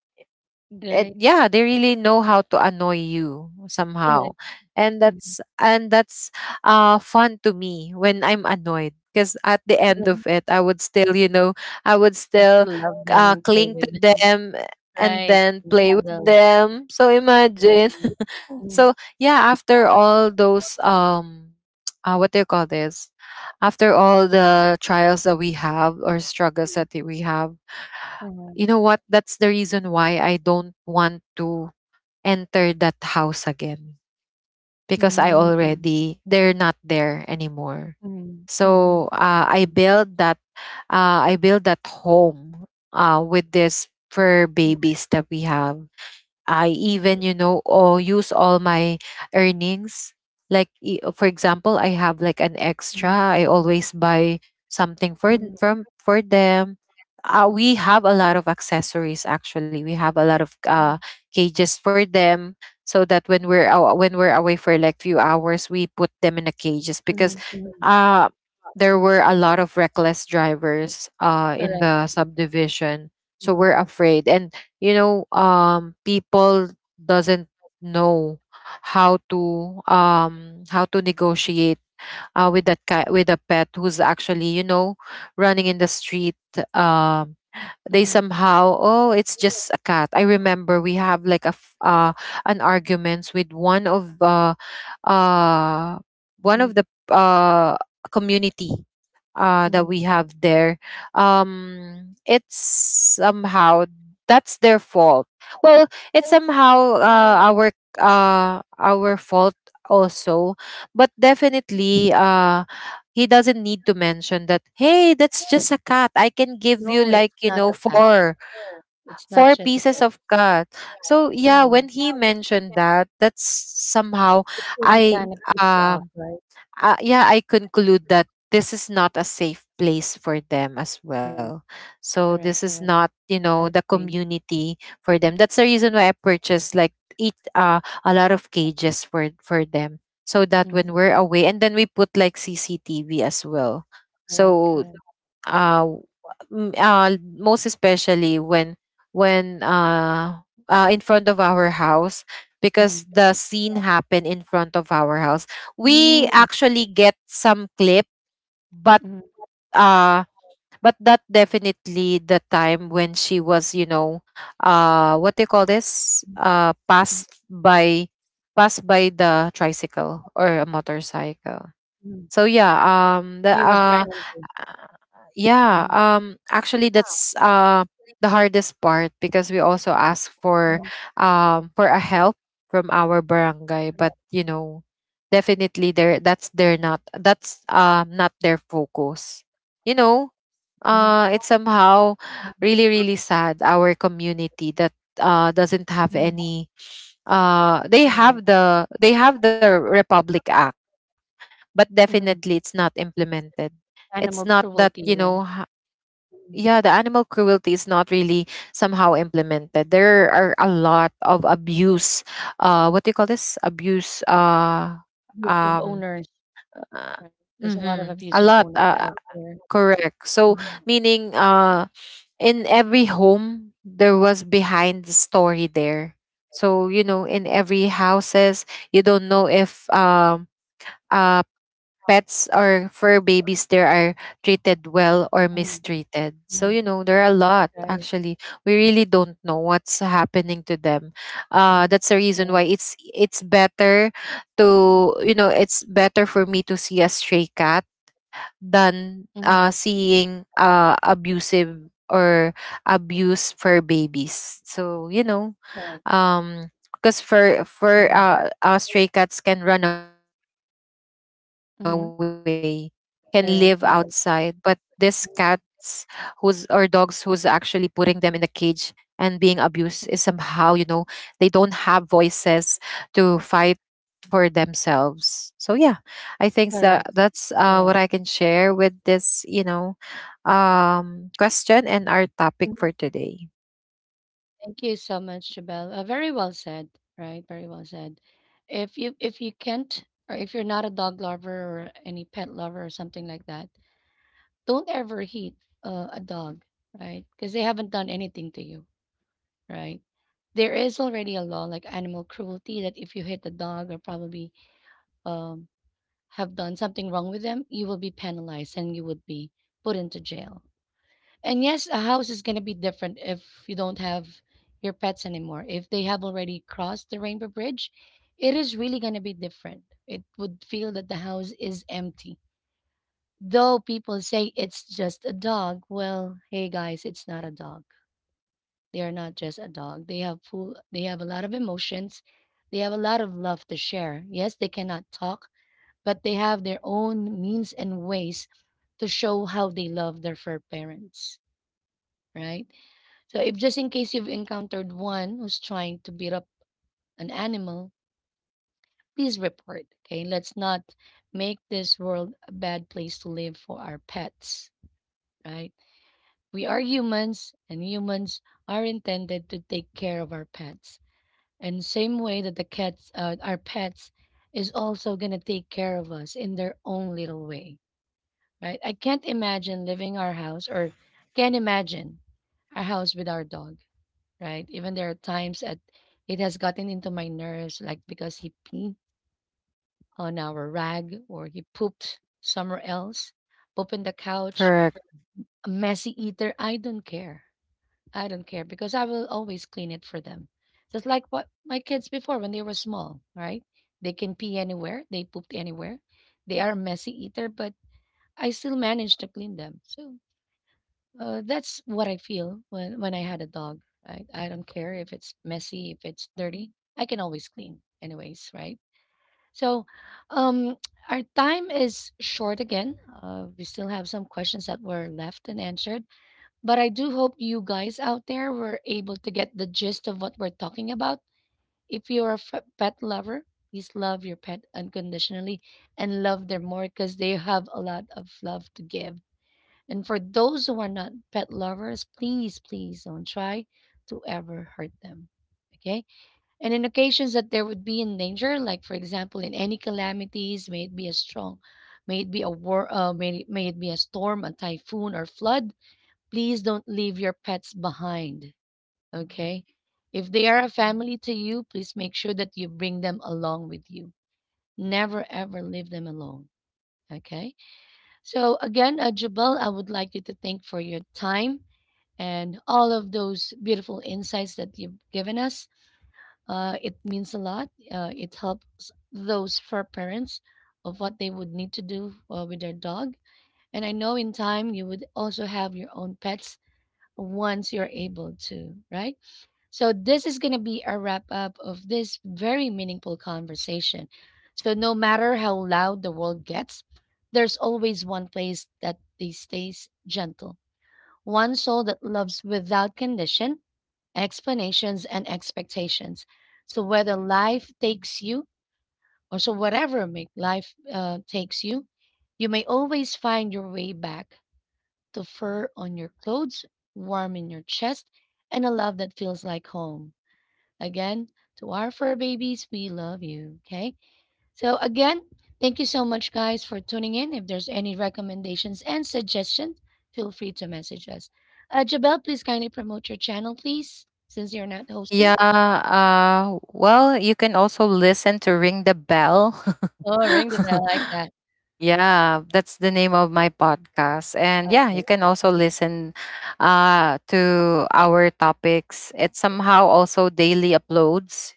it,
right?
yeah, they really know how to annoy you somehow,
Correct.
and
Mhm.
that's fun to me, when I'm annoyed, because at the end of it, I would still, you know, I would still
You still love them and
cling
play
to
with them,
them and
right?
then play
And
with
cuddle.
them. So imagine. So
Sim,
yeah, after all those, what do you call this? After all the trials that we have, or struggles that
sim.
we have, you know
Aham.
what? That's the reason why I don't want to enter that house again, because I
Mhm,
already they're not there anymore.
mhm,
So,
mhm. Sim.
I build that home, with this fur babies that we have. I
Mm,
even,
mhm,
or use all my earnings. Like, for example, I have like an extra.
mhm,
I always buy something for th-
mhm,
from for them. We have a lot of accessories. Actually, we have a lot of cages for them, so that when we're away for like few hours, we put them in the cages, because,
mhm, mhm.
uh, there were a lot of reckless drivers, in the
Correct.
subdivision. So we're
Mhm,
afraid. And, people doesn't know how to negotiate, with with a pet who's actually, running in the street, um they
mhm,
somehow, oh, it's just a cat. I remember we have like an arguments with uh one of the,
mhm,
uh community that we
mhm.
have there, it's somehow, that's their fault. Well, it's somehow, our fault also, but definitely, he doesn't need to mention that. Hey, that's just a cat. I can give you
No,
like,
it's not a cat.
four
It's not just
pieces
a
of
cat.
cat. So yeah,
Right.
when he mentioned that, that's somehow,
It's really
I
kind of piss you
um
off, right?
yeah, I conclude that this is not a safe place for them as well.
Correct,
So this
correct,
is
correct.
not,
I
the
agree.
community for them. That's the reason why I purchased like eat a lot of cages for them, so that when
Mhm,
we're away, and then we put like CCTV as well.
correct,
So,
correct.
uh, w- m- uh most especially when when uh, in front of our house, because
Mhm,
the scene happened in front of our house, we
mm,
actually get some clip. But,
mhm,
uh that definitely the time when she was, what do you call this, passed by, the tricycle or a motorcycle.
mhm.
So yeah,
He
the
was run into.
uh,
Mhm,
yeah, actually, that's the hardest part, because we also ask for a help from our barangay. But, definitely there, that's, not their focus you know
mhm,
it's somehow
mhm,
really really sad, our community, that doesn't have
mhm.
any. They
Correct.
have the, republic act, but definitely it's not
Mhm.
implemented. It's not
Animal
that,
cruelty, right?
yeah, the
Mhm.
animal cruelty is not really somehow implemented. There are a lot of abuse. What do you call this? Abuse.
Abusive
Um,
owners.
uh,
Right. There's a lot of
mm-hmm, a
abusive
lot.
owners out there.
Correct. So
Mhm,
meaning, in every home there was behind the story there. So, in every houses, you don't know if, uh, pets or fur babies there are treated well or
mhm,
mistreated. So,
mhm.
there are a lot
Right.
actually. We really don't know what's happening to them.
Mhm.
That's the reason
Correct.
why it's better for me to see a stray cat than,
Mhm,
seeing, abusive, or abuse for babies. So, because for
mhm,
stray cats can run away, can live
mhm.
outside, but these cats
Correct, right.
who's, or dogs who's actually putting them in the cage and being abused, is somehow, they don't have voices to fight for themselves. So yeah, I think that
Correct.
that's, what
Correct.
I can share with this, question and our topic
And
for today.
thank you so much, Jabel. Very well said, right? Very well said. If you can't, or if you're not a dog lover or any pet lover or something like that, don't ever hate a dog, right? Because they haven't done anything to you, right? There is already a law like animal cruelty that if you hit a dog or probably um have done something wrong with them, you will be penalized and you would be put into jail. And yes, a house is going to be different if you don't have your pets anymore. If they have already crossed the Rainbow Bridge, it is really going to be different. It would feel that the house is empty. Though people say it's just a dog, well, hey guys, it's not a dog. They are not just a dog. They have a lot of emotions. They have a lot of love to share. Yes, they cannot talk, but they have their own means and ways to show how they love their fur parents, right? So, if just in case you've encountered one who's trying to beat up an animal, please report. Okay, let's not make this world a bad place to live for our pets, right? We are humans, and humans are intended to take care of our pets. And same way that the cats, our pets, is also gonna take care of us in their own little way. Right? I can't imagine leaving our house or can't imagine our house with our dog, right? Even there are times that it has gotten into my nerves, like because he peed on our rag or he pooped somewhere else, poop in the couch,
Correct.
a messy eater. I don't care. I don't care because I will always clean it for them. Just like what my kids before when they were small, right? They can pee anywhere, they pooped anywhere. They are a messy eater, but I still manage to clean them. So that's what I feel when I had a dog. Right? I don't care if it's messy, if it's dirty. I can always clean, anyways. Right? So, um, our time is short again. We still have some questions that were left and answered, but I do hope you guys out there were able to get the gist of what we're talking about. If you're a pet lover, please love your pet unconditionally and love them more because they have a lot of love to give. And for those who are not pet lovers, please, please don't try to ever hurt them. Okay? And in occasions that there would be in danger, like for example, in any calamities, may it be a strong, may it be a war, may it be a storm, a typhoon, or flood, please don't leave your pets behind. Okay? If they are a family to you, please make sure that you bring them along with you. Never ever leave them alone. Okay? So again, Jubal, I would like you to thank for your time and all of those beautiful insights that you've given us. It means a lot. It helps those fur parents of what they would need to do with their dog. And I know in time you would also have your own pets once you're able to, right? So this is going to be a wrap up of this very meaningful conversation. So no matter how loud the world gets, there's always one place that they stays gentle, one soul that loves without condition, explanations and expectations. So whether life takes you, or so whatever make life takes you, you may always find your way back to fur on your clothes, warm in your chest, and a love that feels like home. Again, to our fur babies, we love you. Okay. So again, thank you so much, guys, for tuning in. If there's any recommendations and suggestions, feel free to message us. Jabel, please kindly promote your channel, please, since you're not hosting.
Yeah. Well, you can also listen to Ring the Bell.
Oh, ring the bell like that.
Yeah, that's the name of my podcast. And yeah,
Okay,
you can also
perfect.
listen, to our topics. It's somehow also daily uploads.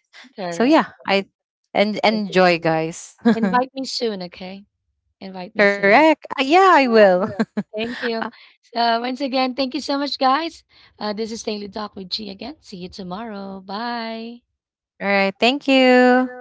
So
Correct.
yeah, I and
Thank you
enjoy,
so much.
guys.
Invite me soon, okay? Invite me soon.
Correct. Yeah, I will.
Thank you. So once again, thank you so much, guys. This is Daily Talk with G again. See you tomorrow. Bye.
All right. Thank you.